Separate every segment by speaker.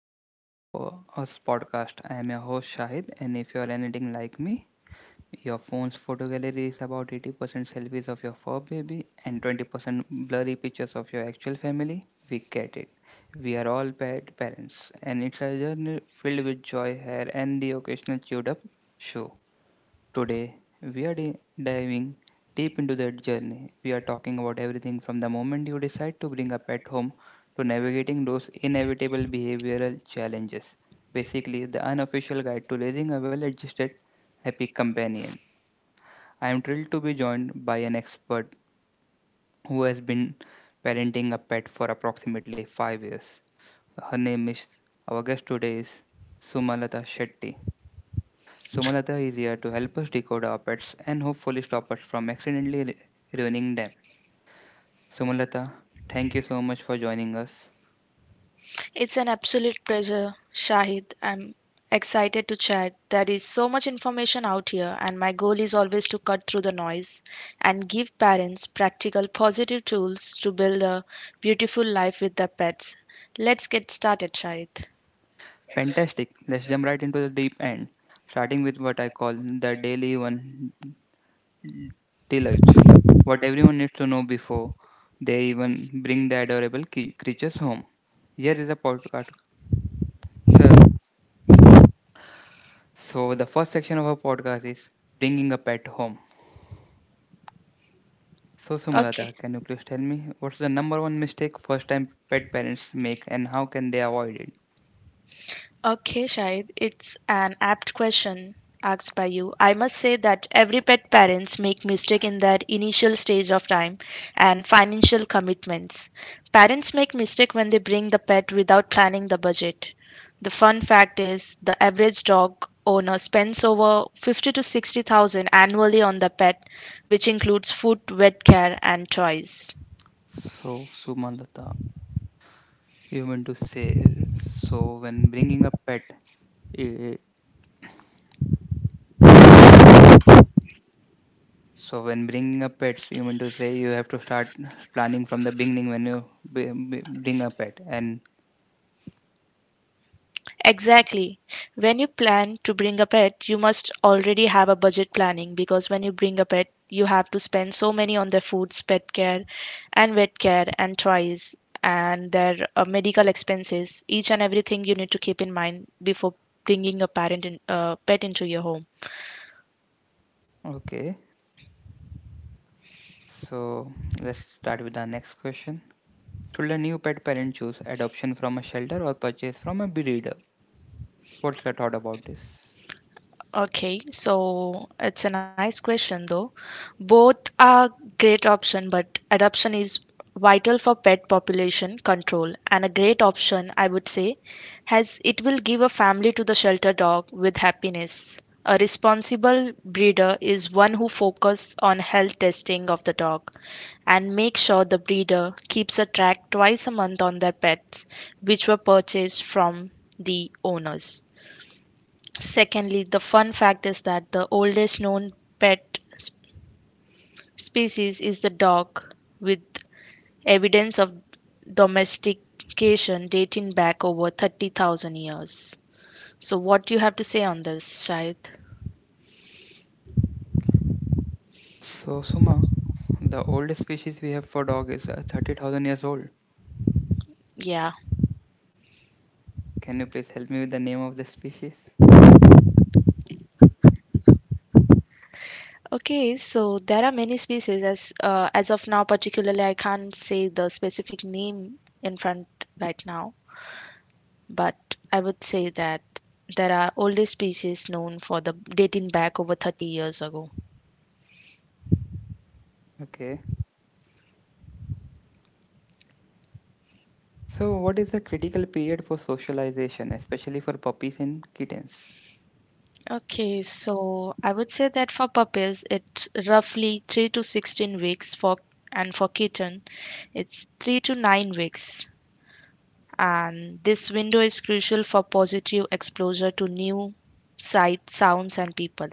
Speaker 1: to the Us podcast. I am your host Shahid, and if you are anything like me, your phone's photo gallery is about 80% selfies of your fur baby and 20% blurry pictures of your actual family. We get it. We are all bad parents, and it's a journey filled with joy, hair, and the occasional chewed up shoe. Today, we are diving deep into that journey. We are talking about everything from the moment you decide to bring a pet home to navigating those inevitable behavioral challenges. Basically, the unofficial guide to raising a well adjusted, happy companion. I am thrilled to be joined by an expert who has been parenting a pet for approximately 5 years. Her name is, our guest today is Sumalata Shetty. Somalatha is here to help us decode our pets and hopefully stop us from accidentally ruining them. Somalatha, thank you so much for joining us.
Speaker 2: It's an absolute pleasure, Shahid. I'm excited to chat. There is so much information out here, and my goal is always to cut through the noise and give parents practical, positive tools to build a beautiful life with their pets. Let's get started, Shahid.
Speaker 1: Fantastic. Let's jump right into the deep end, starting with what I call the daily one deluge. What everyone needs to know before they even bring the adorable creatures home. Here is a podcast. Huh. So, the first section of our podcast is bringing a pet home. So,
Speaker 2: Okay.
Speaker 1: Sumalata, can you please tell me what's the number one mistake first time pet parents make and how can they avoid it?
Speaker 2: Okay, Shahid, it's an apt question asked by you. I must say that every pet parents make mistake in their initial stage of time and financial commitments. Parents make mistake when they bring the pet without planning the budget. The fun fact is the average dog owner spends over 50 to 60,000 annually on the pet, which includes food, vet care and toys.
Speaker 1: So, Sumalata, you mean to say, so when bringing a pet, eh, so when bringing a pets, you mean to say you have to start planning from the beginning when you bring a pet. And
Speaker 2: Exactly. When you plan to bring a pet, you must already have a budget planning, because when you bring a pet, you have to spend so many on their foods, pet care, and vet care, and toys, and their medical expenses. Each and everything you need to keep in mind before bringing a pet into your home.
Speaker 1: okay, so let's start with the next question. Should a new pet parent choose adoption from a shelter or purchase from a breeder? What's your thought about this?
Speaker 2: Okay, so it's a nice question though. Both are great option, but adoption is vital for pet population control and a great option, I would say, as it will give a family to the shelter dog with happiness. A responsible breeder is one who focuses on health testing of the dog and make sure the breeder keeps a track twice a month on their pets which were purchased from the owners. Secondly, the fun fact is that the oldest known pet s- species is the dog, with evidence of domestication dating back over 30,000 years. So, what do you have to say on this, Shahid?
Speaker 1: So, Suma, the oldest species we have for dog is 30,000 years old.
Speaker 2: Yeah.
Speaker 1: Can you please help me with the name of the species?
Speaker 2: Okay, so there are many species as of now. Particularly, I can't say the specific name in front right now, but I would say that there are older species known for the dating back over 30 years ago.
Speaker 1: Okay. So, what is the critical period for socialization, especially for puppies and kittens?
Speaker 2: Okay, so I would say that for puppies, it's roughly 3 to 16 weeks for and for kitten, it's 3 to 9 weeks. And this window is crucial for positive exposure to new sight, sounds and people.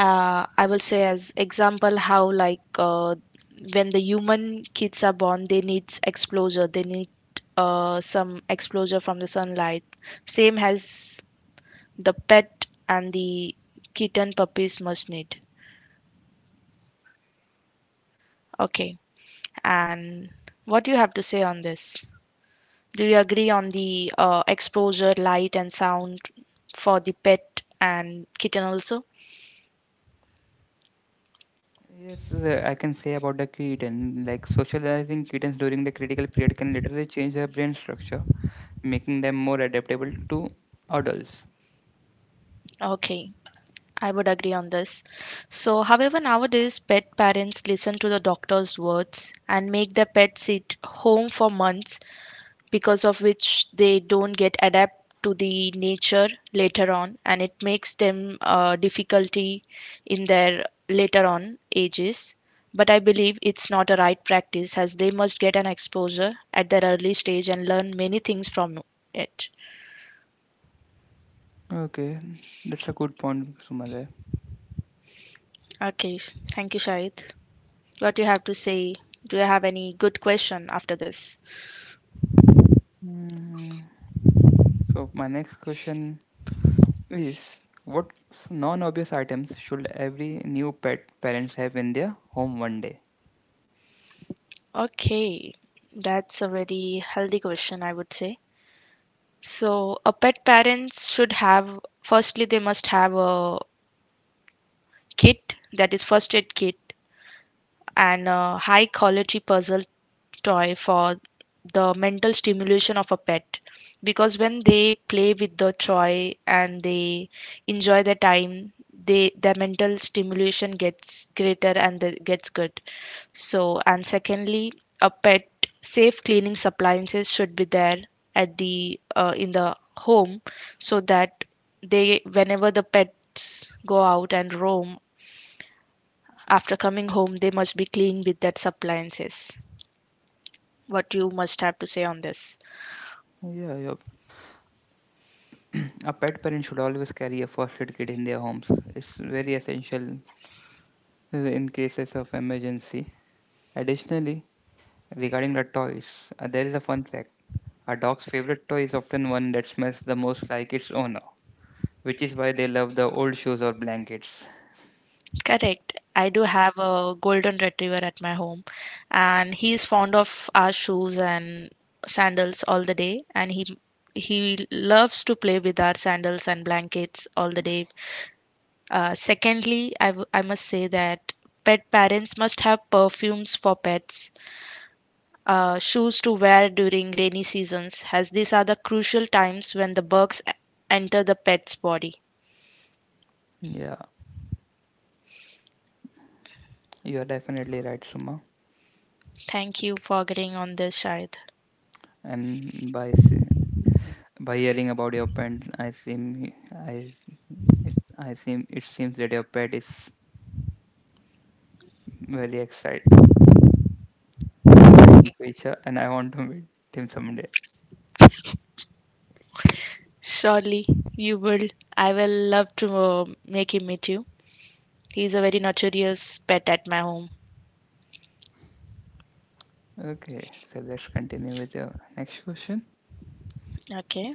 Speaker 2: I will say as example how like when the human kids are born, they need exposure. They need some exposure from the sunlight. Same as the pet and the kitten puppies must need. Okay. And what do you have to say on this? Do you agree on the exposure, light, and sound for the pet and kitten also?
Speaker 1: Yes, I can say about the kitten. Like socializing kittens during the critical period can literally change their brain structure, making them more adaptable to adults.
Speaker 2: Okay, I would agree on this. So, however, nowadays pet parents listen to the doctor's words and make their pet sit home for months because of which they don't get adapt to the nature later on, and it makes them difficulty in their later on ages, but I believe it's not a right practice as they must get an exposure at their early stage and learn many things from it.
Speaker 1: Okay, that's a good point, Sumale.
Speaker 2: Thank you, Shahid. What do you have to say? Do you have any good question after this?
Speaker 1: Hmm. So, my next question Yes. What non-obvious items should every new pet parents have in their home one day?
Speaker 2: Okay, that's a very healthy question, I would say. So, a pet parents should have, firstly they must have a kit, that is first aid kit, and a high quality puzzle toy for the mental stimulation of a pet, because when they play with the toy and they enjoy the time, they their mental stimulation gets greater and gets good. So, and secondly, a pet safe cleaning appliances should be there at the in the home, so that they, whenever the pets go out and roam, after coming home, they must be clean with that appliances. What you must have to say on this?
Speaker 1: Yeah, yeah. A pet parent should always carry a first aid kit in their homes. It's very essential in cases of emergency. Additionally, regarding the toys, there is a fun fact. A dog's favorite toy is often one that smells the most like its owner, which is why they love the old shoes or blankets.
Speaker 2: Correct. I do have a golden retriever at my home, and he is fond of our shoes and sandals all the day, and he loves to play with our sandals and blankets all the day. Secondly, I must say that pet parents must have perfumes for pets, shoes to wear during rainy seasons, as these are the crucial times when the enter the pet's body.
Speaker 1: Yeah, you are definitely right, Suma.
Speaker 2: Thank you for agreeing on this, Shahid.
Speaker 1: And by s- By hearing about your pet, I seem I it, I seem it seems that your pet is very excite, exciting creature, and I want to meet him someday.
Speaker 2: Surely you will. I will love to make him meet you. He's a very notorious pet at my home.
Speaker 1: Okay, so let's continue with your next question.
Speaker 2: Okay,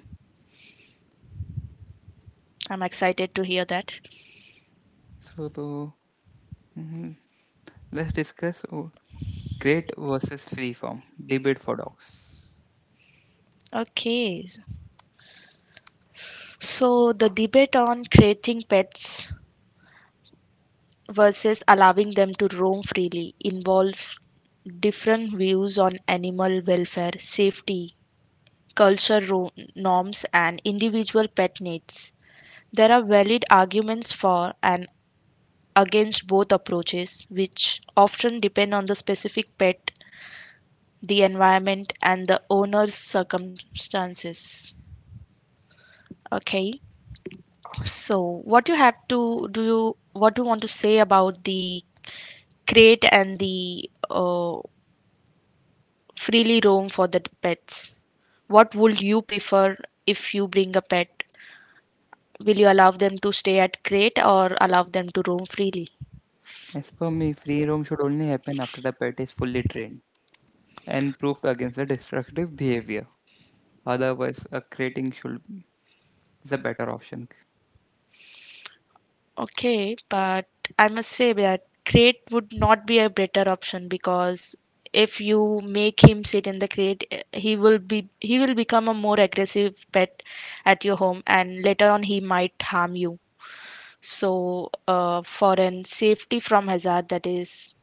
Speaker 2: I'm excited to hear that.
Speaker 1: So, to, mhm, let's discuss great versus free form debate for dogs.
Speaker 2: Okay, so the debate on creating pets versus allowing them to roam freely involves different views on animal welfare, safety, norms, and individual pet needs. There are valid arguments for and against both approaches, which often depend on the specific pet, the environment, and the owner's circumstances. Okay, so what do you want to say about the crate and the freely roam for the pets? What would you prefer if you bring a pet? Will you allow them to stay at crate or allow them to roam freely?
Speaker 1: As per me, free roam should only happen after the pet is fully trained and proved against the destructive behavior. Otherwise, a crating should is a better option.
Speaker 2: Okay, but I must say that crate would not be a better option, because if you make him sit in the crate, he will become a more aggressive pet at your home, and later on he might harm you. So, for an safety from hazard, that is,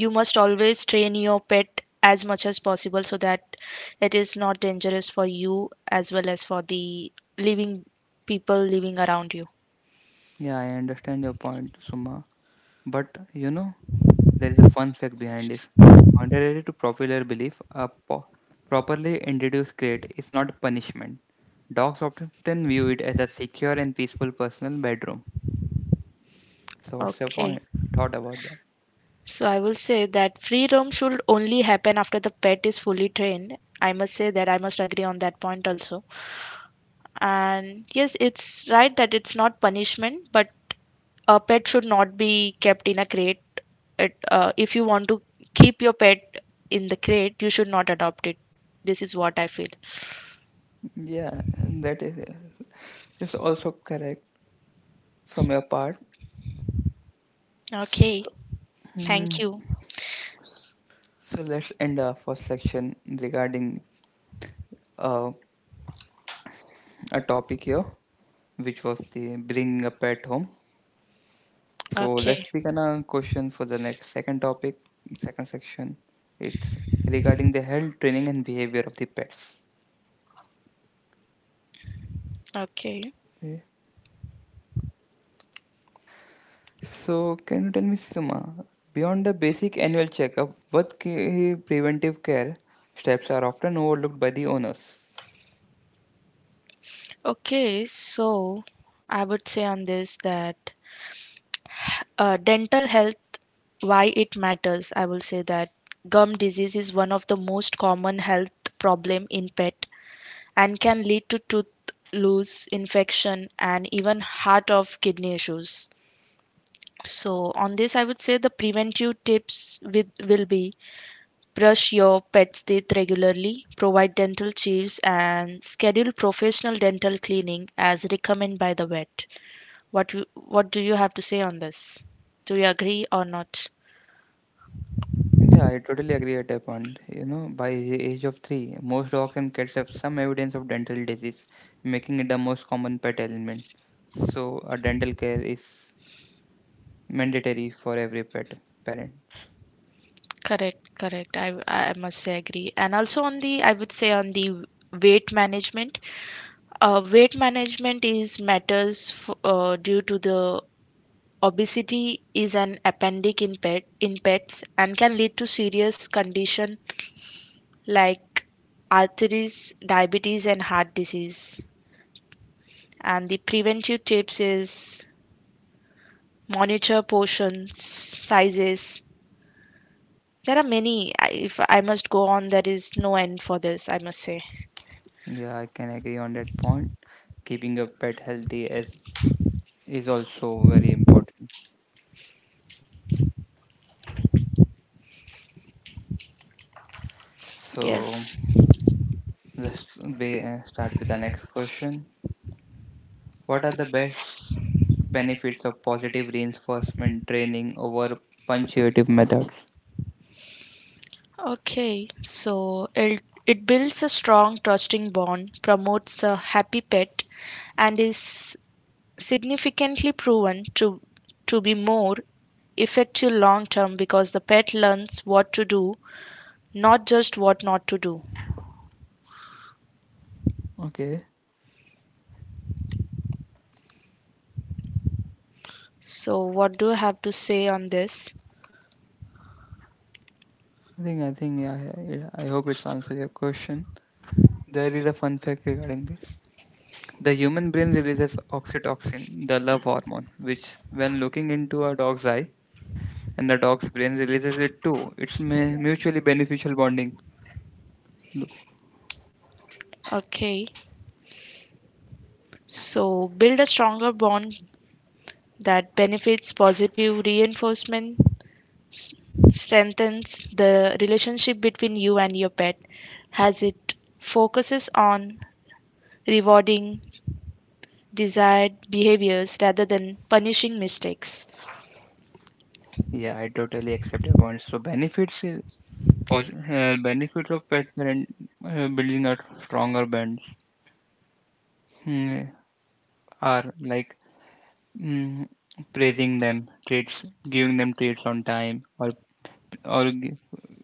Speaker 2: you must always train your pet as much as possible so that it is not dangerous for you as well as for the living people living around you.
Speaker 1: Yeah, I understand your point, Suma. But you know, there is a fun fact behind this. Contrary to popular belief, a properly introduced crate is not punishment. Dogs often view it as a secure and peaceful personal bedroom. So, what's your
Speaker 2: Okay,
Speaker 1: point? Thought about that?
Speaker 2: so I will say that free roam should only happen after the pet is fully trained. I must say that I must agree on that point also. And yes, it's right that it's not punishment, but a pet should not be kept in a crate. If you want to keep your pet in the crate, you should not adopt it. This is what I feel.
Speaker 1: Yeah, and that is also correct from your part.
Speaker 2: Okay. Thank you.
Speaker 1: So let's end our first section regarding uh, a topic here, which was the bringing a pet home. So
Speaker 2: Okay.
Speaker 1: let's pick another question for the next second topic, second section. It's regarding the health training and behavior of the pets.
Speaker 2: Okay.
Speaker 1: Okay. So can you tell me, Sima, beyond the basic annual checkup, what key preventive care steps are often overlooked by the owners?
Speaker 2: okay. So I would say on this that dental health, why it matters. I will say that gum disease is one of the most common health problem in pet and can lead to tooth loss, infection, and even heart of kidney issues. So on this, I would say the preventive tips with will be brush your pet's teeth regularly, provide dental chews, and schedule professional dental cleaning as recommended by the vet. What do you have to say on this? Do you agree or not?
Speaker 1: Yeah, I totally agree at that point. You know, by the age of three, most dogs and cats have some evidence of dental disease, making it the most common pet ailment. So, a dental care is mandatory for every pet parent.
Speaker 2: Correct, correct. I must say agree. And also on the I would say on the weight management. Weight management is matters due to the obesity is an appendix in pets and can lead to serious condition like arthritis, diabetes, and heart disease. And the preventive tips is monitor portions, sizes. There are many. If I must go on, there is no end for this, I must say.
Speaker 1: Yeah, I can agree on that point. Keeping a pet healthy is also very important. So
Speaker 2: Yes.
Speaker 1: let's start with the next question. What are the best benefits of positive reinforcement training over punctuative methods?
Speaker 2: Okay, so it builds a strong, trusting bond, promotes a happy pet, and is significantly proven to be more effective long term, because the pet learns what to do, not just what not to do.
Speaker 1: Okay,
Speaker 2: So, what do you have to say on this?
Speaker 1: I think yeah, yeah, yeah, I hope it's answered your question. There is a fun fact regarding this. The human brain releases oxytocin, the love hormone, which, when looking into a dog's eye, and the dog's brain releases it too. It's mutually beneficial bonding. Look,
Speaker 2: Okay, so build a stronger bond. That benefits positive reinforcement s- strengthens the relationship between you and your pet as it focuses on rewarding desired behaviors rather than punishing mistakes.
Speaker 1: yeah, I totally accept your points. So benefits of pet parent building a stronger bonds hmm, are like mm, praising them, treats, giving them treats on time, or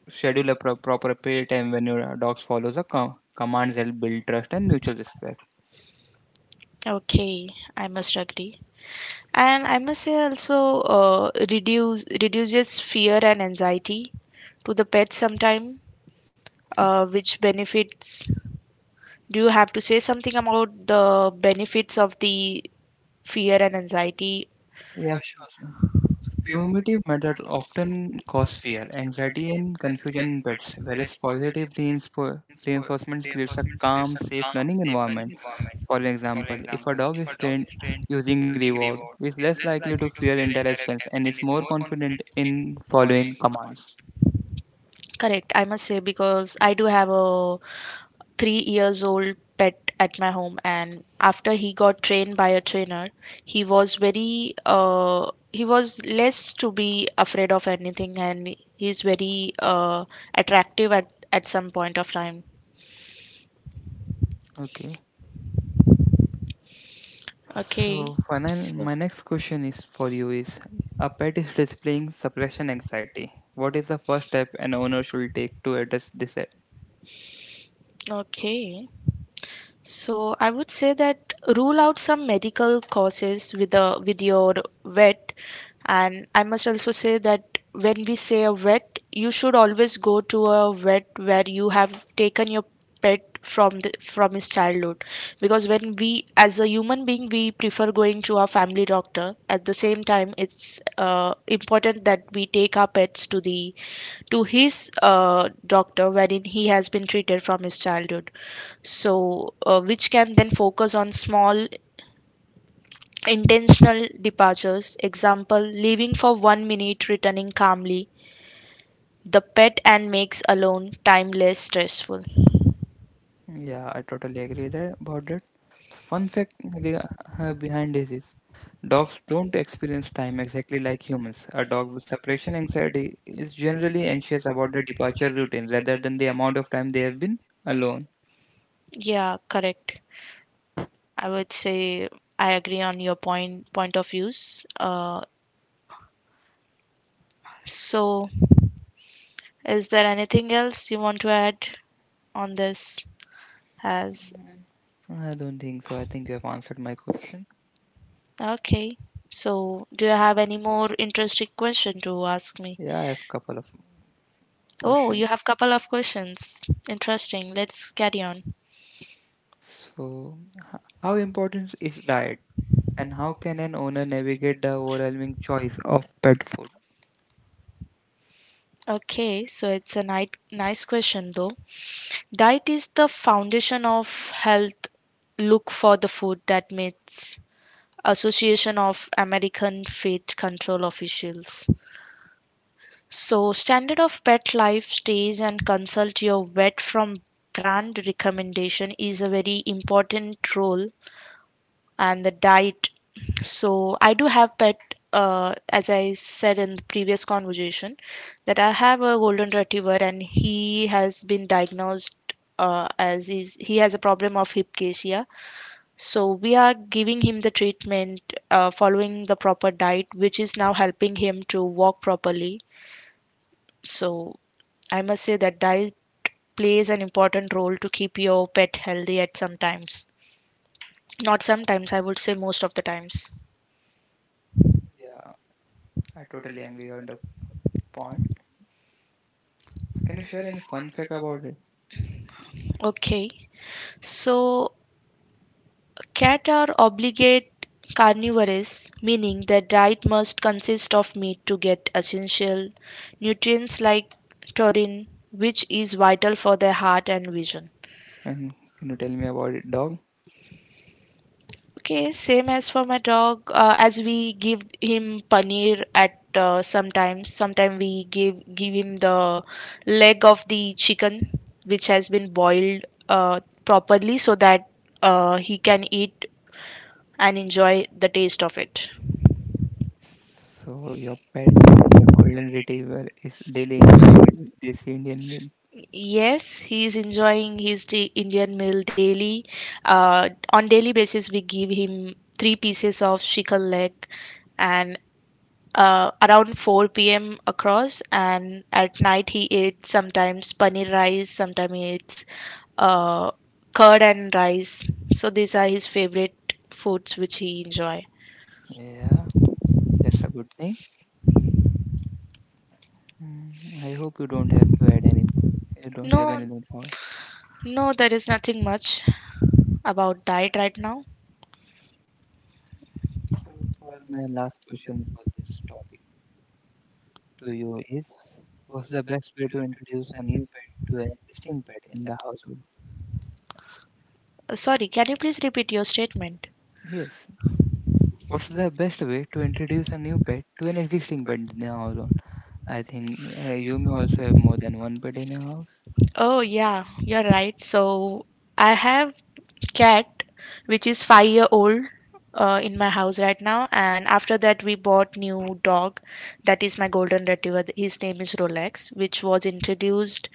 Speaker 1: schedule a proper pay time when your dog follows the commands help build trust and mutual respect.
Speaker 2: Okay, I must agree. And I must say also reduces fear and anxiety to the pet sometime, which benefits. Do you have to say something about the benefits of the fear and anxiety?
Speaker 1: Primitive methods often cause fear, anxiety, and confusion in pets, whereas positive reinforcement creates a calm, safe learning environment. For example, if a dog is trained using reward, it is less likely to fear interactions and is more confident in following commands.
Speaker 2: Correct, I must say, because I do have a 3 years old pet at my home, and after he got trained by a trainer, he was very he was less to be afraid of anything, and he's very attractive at some point of time.
Speaker 1: Okay.
Speaker 2: Okay,
Speaker 1: So, Fanan,
Speaker 2: so
Speaker 1: my next question is for you is a pet is displaying suppression anxiety. What is the first step an owner should take to address this?
Speaker 2: okay. So I would say that rule out some medical causes with your vet, and I must also say that when we say a vet, you should always go to a vet where you have taken your pet from his childhood, because when we, as a human being, we prefer going to our family doctor. At the same time, it's important that we take our pets to his doctor wherein he has been treated from his childhood. So, which can then focus on small intentional departures, example leaving for 1 minute, returning calmly the pet and makes alone time less stressful.
Speaker 1: Yeah, I totally agree that, about that. Fun fact re- behind this is dogs don't experience time exactly like humans. A dog with separation anxiety is generally anxious about the departure routine rather than the amount of time they have been alone.
Speaker 2: Yeah, correct. I would say I agree on your point of views. uh, so, is there anything else you want to add on this as?
Speaker 1: I don't think so. I think you have answered my question.
Speaker 2: Okay. So, do you have any more interesting question to ask me?
Speaker 1: Yeah, I have a couple of
Speaker 2: Oh, you
Speaker 1: questions.
Speaker 2: have couple of questions. Interesting. Let's carry on.
Speaker 1: So, how important is diet and how can an owner navigate the overwhelming choice of pet food?
Speaker 2: Okay, so it's a nice question though. Diet is the foundation of health. Look for the food that meets Association of American Fat Control Officials. So, standard of pet life stays and consult your vet from brand recommendation is a very important role and the diet. So I do have pet, as I said in the previous conversation, that I have a golden retriever and he has been diagnosed as is he has a problem of hypcasia. So we are giving him the treatment, following the proper diet, which is now helping him to walk properly. So I must say that diet plays an important role to keep your pet healthy at some times. Not sometimes, I would say most of the times.
Speaker 1: Yeah, I totally agree on the point. Can you share any fun fact about it?
Speaker 2: Okay. So, cat are obligate carnivores, meaning their diet must consist of meat to get essential nutrients like taurine, which is vital for their heart and vision.
Speaker 1: And can you tell me about it, dog?
Speaker 2: Okay, same as for my dog. As we give him paneer at sometimes, sometimes we give him the leg of the chicken, which has been boiled properly so that he can eat and enjoy the taste of it.
Speaker 1: So your pet, your golden retriever, is daily enjoying it with this Indian meal.
Speaker 2: Yes, he is enjoying his Indian meal daily. On daily basis, we give him 3 pieces of chicken leg, and around 4 p.m. across. And at night, he eats sometimes paneer rice, sometimes he eats uh, curd and rice. So these are his favorite foods which he enjoy.
Speaker 1: Yeah, that's a good thing. I hope you don't have to add any. You don't have
Speaker 2: No,
Speaker 1: anything more.
Speaker 2: no, there is nothing much about diet right now?
Speaker 1: My last question to you is: what's the best way to introduce a new to an existing pet in the household?
Speaker 2: Sorry, can you please repeat your statement?
Speaker 1: Yes. What's the best way to introduce a new pet to an existing pet in the household? I think you may also have more than one pet in your house.
Speaker 2: Oh, yeah, you're right. So I have cat which is 5-year old in my house right now, and after that we bought new dog that is my golden retriever. His name is Rolex, which was introduced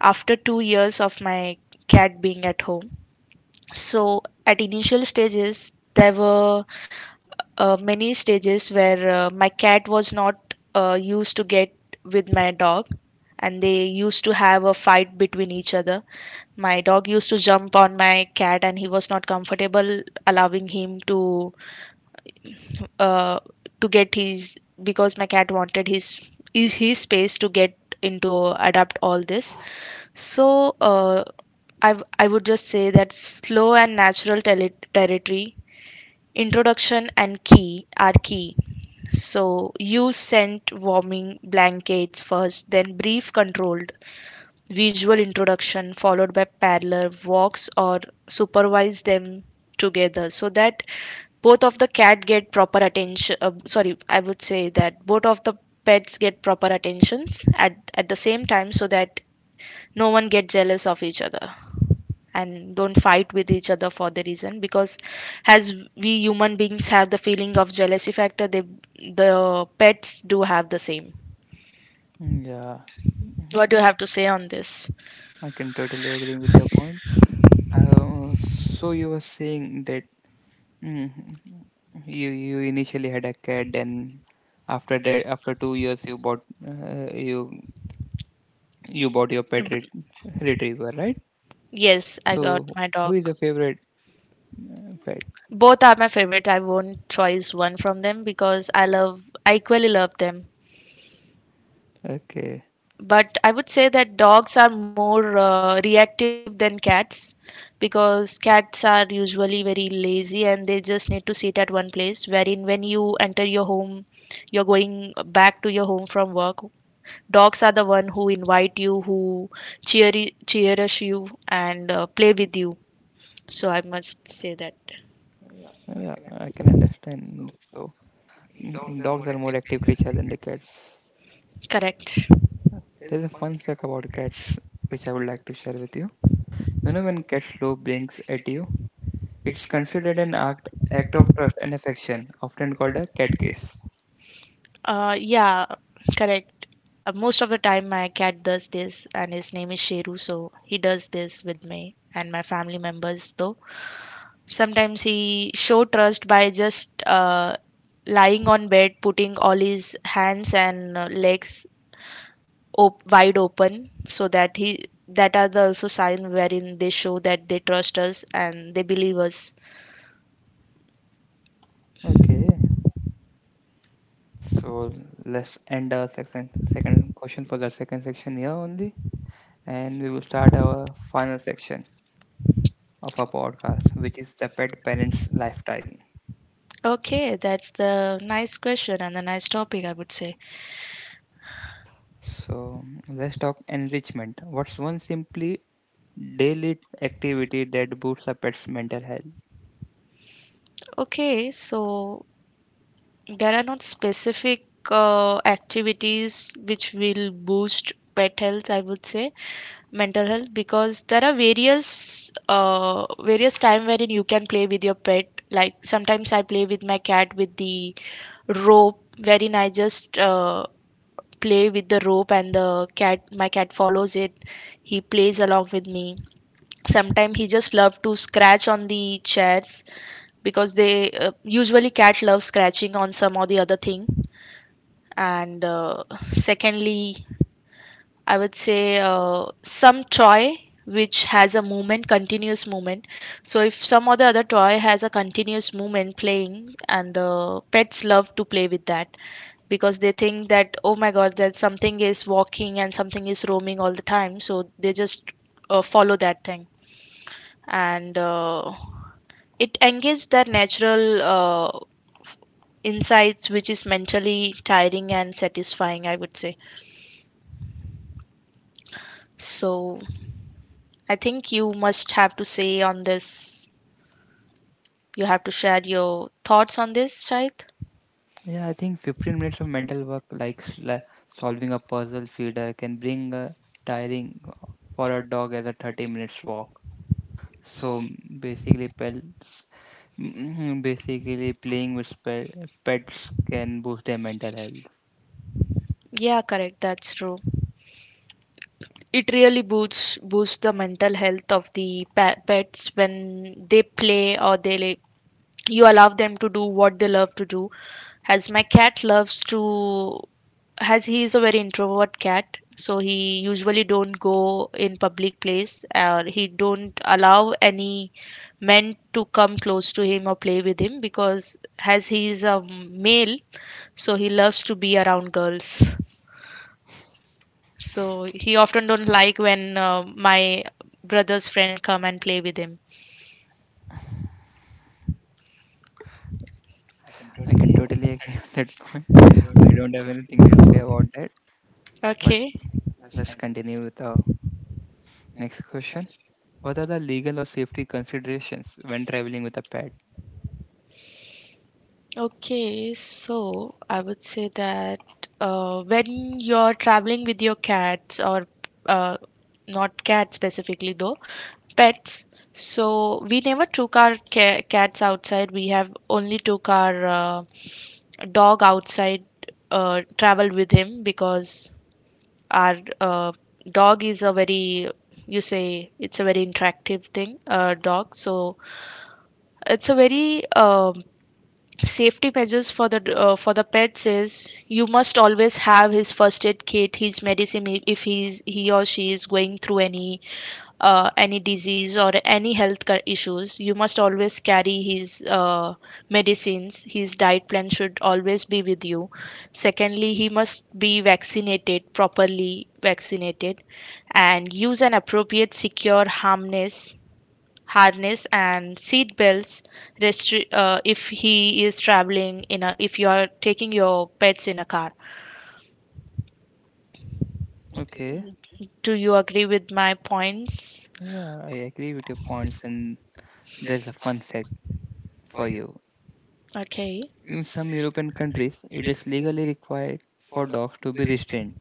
Speaker 2: after 2 years of my cat being at home. So at initial stages there were many stages where my cat was not used to get with my dog, and they used to have a fight between each other. My dog used to jump on my cat and he was not comfortable allowing him uh, to get his, because my cat wanted his is his space to get into, adapt all this. So I would just say that slow and natural territory introduction and key are key. So use scent warming blankets first, then brief controlled visual introduction followed by parallel walks, or supervise them together so that both of the cat get proper attention. Sorry, I would say that both of the pets get proper attentions at the same time, so that no one get jealous of each other and don't fight with each other for the reason, because as we human beings have the feeling of jealousy factor, they the pets do have the same.
Speaker 1: Mm, yeah, mhm.
Speaker 2: What do you have to say on this?
Speaker 1: I can totally agree with your point. So you were saying that mm, you initially had a cat, and after that, after 2 years, uh, you you bought your pet retriever, right?
Speaker 2: Yes, I got
Speaker 1: So
Speaker 2: my
Speaker 1: who
Speaker 2: dog.
Speaker 1: is your favorite pet?
Speaker 2: Both are my favorite. I won't choose one from them, because I equally love them.
Speaker 1: Okay,
Speaker 2: But I would say that dogs are more reactive than cats, because cats are usually very lazy and they just need to sit at one place. Wherein, when you enter your home, you're going back to your home from work. Dogs are the one who invite you, who cheerish you, and play with you. So I must say that,
Speaker 1: yeah, I can understand. So dogs are more active creature than the cats.
Speaker 2: correct.
Speaker 1: There is a fun fact about cats which I would like to share with you. You know, when cat slow blinks at you, it's considered an act of trust and affection, often called a cat kiss.
Speaker 2: Yeah, correct. Most of the time, my cat does this, and his name is Sheru, so he does this with me and my family members. Though sometimes he show trust by just lying on bed, putting all his hands and legs wide open, so that he that are the also sign wherein they show that they trust us and they believe us.
Speaker 1: Okay, so let's end our section, second question for the second section here only, and we will start our final section of our podcast, which is the pet parents' lifestyle.
Speaker 2: Okay, that's the nice question and the nice topic, I would say.
Speaker 1: So let's talk enrichment. What's one simply daily activity that boosts a pet's mental health?
Speaker 2: Okay, so there are not specific activities which will boost pet health, I would say, mental health, because there are various time wherein you can play with your pet. Like sometimes I play with my cat with the rope, wherein I just play with the rope and the cat my cat follows it. He plays along with me. Sometimes he just love to scratch on the chairs, because they usually cat loves scratching on some or the other thing, and secondly I would say some toy which has a movement, continuous movement. So if some other toy has a continuous movement playing, and the pets love to play with that because they think that, oh my god, that something is walking and something is roaming all the time, so they just follow that thing, and it engages their natural insights, which is mentally tiring and satisfying, I would say. So I think you must have to say on this. You have to share your thoughts on this, Shahid.
Speaker 1: Yeah, I think 15 minutes of mental work, like solving a puzzle feeder, can bring a tiring for a dog as a 30 minutes walk. So basically, pets, basically playing with pets can boost their mental health.
Speaker 2: Yeah, correct. That's true. It really boosts the mental health of the pets when they play or they you allow them to do what they love to do. As my cat loves to, as he is a very introvert cat, so he usually don't go in public place or he don't allow any men to come close to him or play with him, because as he is a male, so he loves to be around girls. So he often don't like when my brother's friend come and play with him.
Speaker 1: I can totally agree on that point. I don't have anything to say about that, but
Speaker 2: Okay.
Speaker 1: let's continue with the next question. What are the legal or safety considerations when traveling with a pet?
Speaker 2: Okay, so I would say that when you're traveling with your cats or uh, not cats specifically though, pets. So we never took our cats outside. We have only took our dog outside, traveled with him, because our dog is a very, you say, it's a very interactive thing, dog. So it's a very safety measures for the pets is you must always have his first aid kit, his medicine, if he's he or she is going through any disease or any issues, you must always carry his medicines, his diet plan should always be with you. Secondly, he must be vaccinated, properly vaccinated, and use an appropriate secure harmless harness and seat belts if he is traveling in a, if you are taking your pets in a car.
Speaker 1: Okay,
Speaker 2: Do you agree with my points?
Speaker 1: yeah, I agree with your points, and there's a fun fact for you.
Speaker 2: Okay,
Speaker 1: In some European countries, it is legally required for dogs to be restrained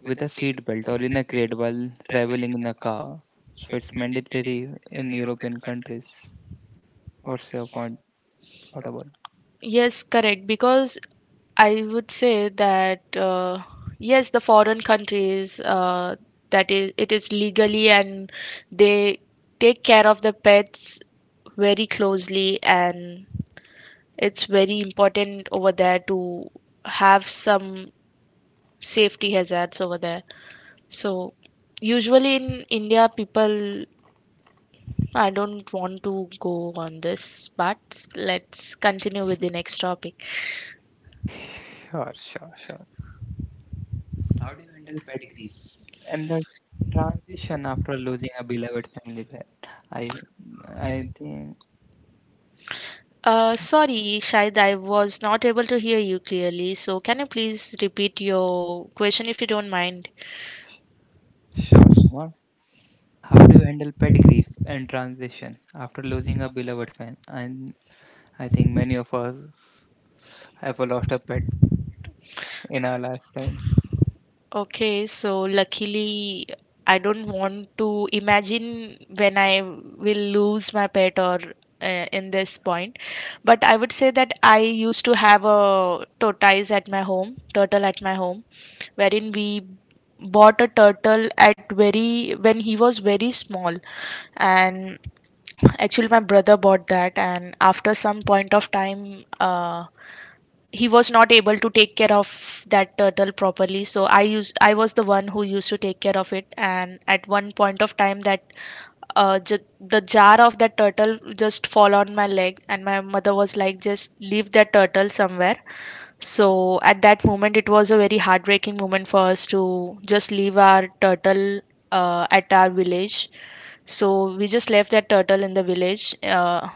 Speaker 1: with a seat belt or in a crate while traveling in a car. So it's mandatory in European countries. What's your point? What about?
Speaker 2: yes, correct, because I would say that yes, the foreign countries, that is it is legally, and they take care of the pets very closely, and it's very important over there to have some safety hazards over there. So usually in India, people, I don't want to go on this, but let's continue with the next topic.
Speaker 1: Sure, sure, sure. And the transition after losing a beloved family pet. I, I think.
Speaker 2: Sorry, Shahid, I was not able to hear you clearly. So can you please repeat your question if you don't mind?
Speaker 1: Sure, Sumar. How do you handle pet grief and transition after losing a beloved fan? And I think many of us ever lost a pet in our lifetime.
Speaker 2: Okay, so luckily I don't want to imagine when I will lose my pet or in this point. But I would say that I used to have a tortoise at my home, turtle at my home, wherein we bought a turtle at very when he was very small, and actually my brother bought that, and after some point of time he was not able to take care of that turtle properly, so I was the one who used to take care of it. And at one point of time that the jar of that turtle just fall on my leg, and my mother was like, just leave that turtle somewhere. So at that moment it was a very heartbreaking moment for us, to just leave our turtle at our village. So we just left that turtle in the village. uh,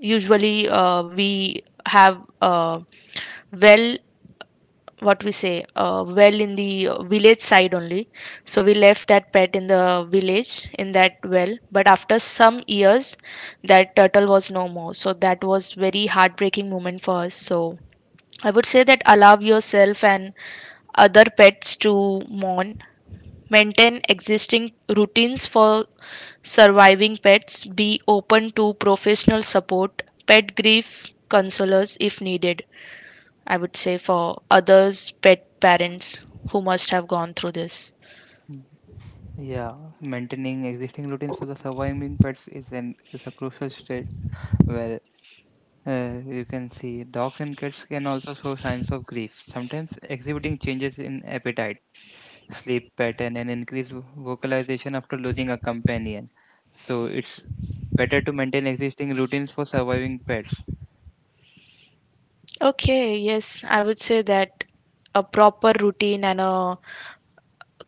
Speaker 2: usually uh, we have well, what we say well in the village side only. So we left that pet in the village in that well, but after some years that turtle was no more, so that was very heartbreaking moment for us. So I would say that allow yourself and other pets to mourn, maintain existing routines for surviving pets, be open to professional support, pet grief consolers if needed, I would say, for others' pet parents who must have gone through this.
Speaker 1: Mm. Yeah, maintaining existing routines for the surviving pets is a crucial state where you can see dogs and cats can also show signs of grief, sometimes exhibiting changes in appetite, sleep pattern, and increased vocalization after losing a companion. So it's better to maintain existing routines for surviving pets.
Speaker 2: Okay, yes, I would say that a proper routine and a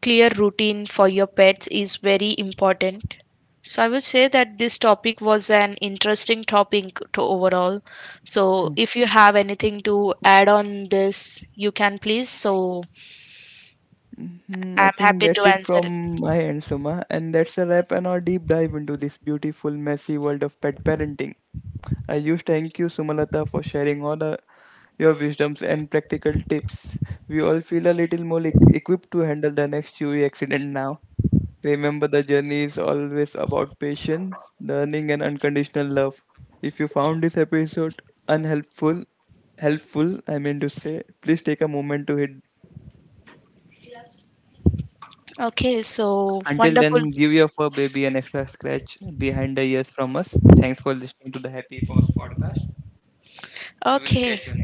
Speaker 2: clear routine for your pets is very important. So I would say that this topic was an interesting topic to overall. So if you have anything to add on this, you can please. So
Speaker 1: Mhm, I
Speaker 2: I'm
Speaker 1: think
Speaker 2: happy to
Speaker 1: that's it
Speaker 2: answer it.
Speaker 1: from my end, Suma. And that's a wrap on our deep dive into this beautiful, messy world of pet parenting. I huge thank you, Sumalata, for sharing all your wisdoms and practical tips. We all feel a little more equipped to handle the next chewy accident now. Remember, the journey is always about patience, learning, and unconditional love. If you found this episode unhelpful, helpful, I mean to say, please take a moment to hit.
Speaker 2: Okay, so
Speaker 1: Until
Speaker 2: wonderful.
Speaker 1: then, give your fur baby an extra scratch behind the ears from us. Thanks for listening to the Happy Paws podcast.
Speaker 2: We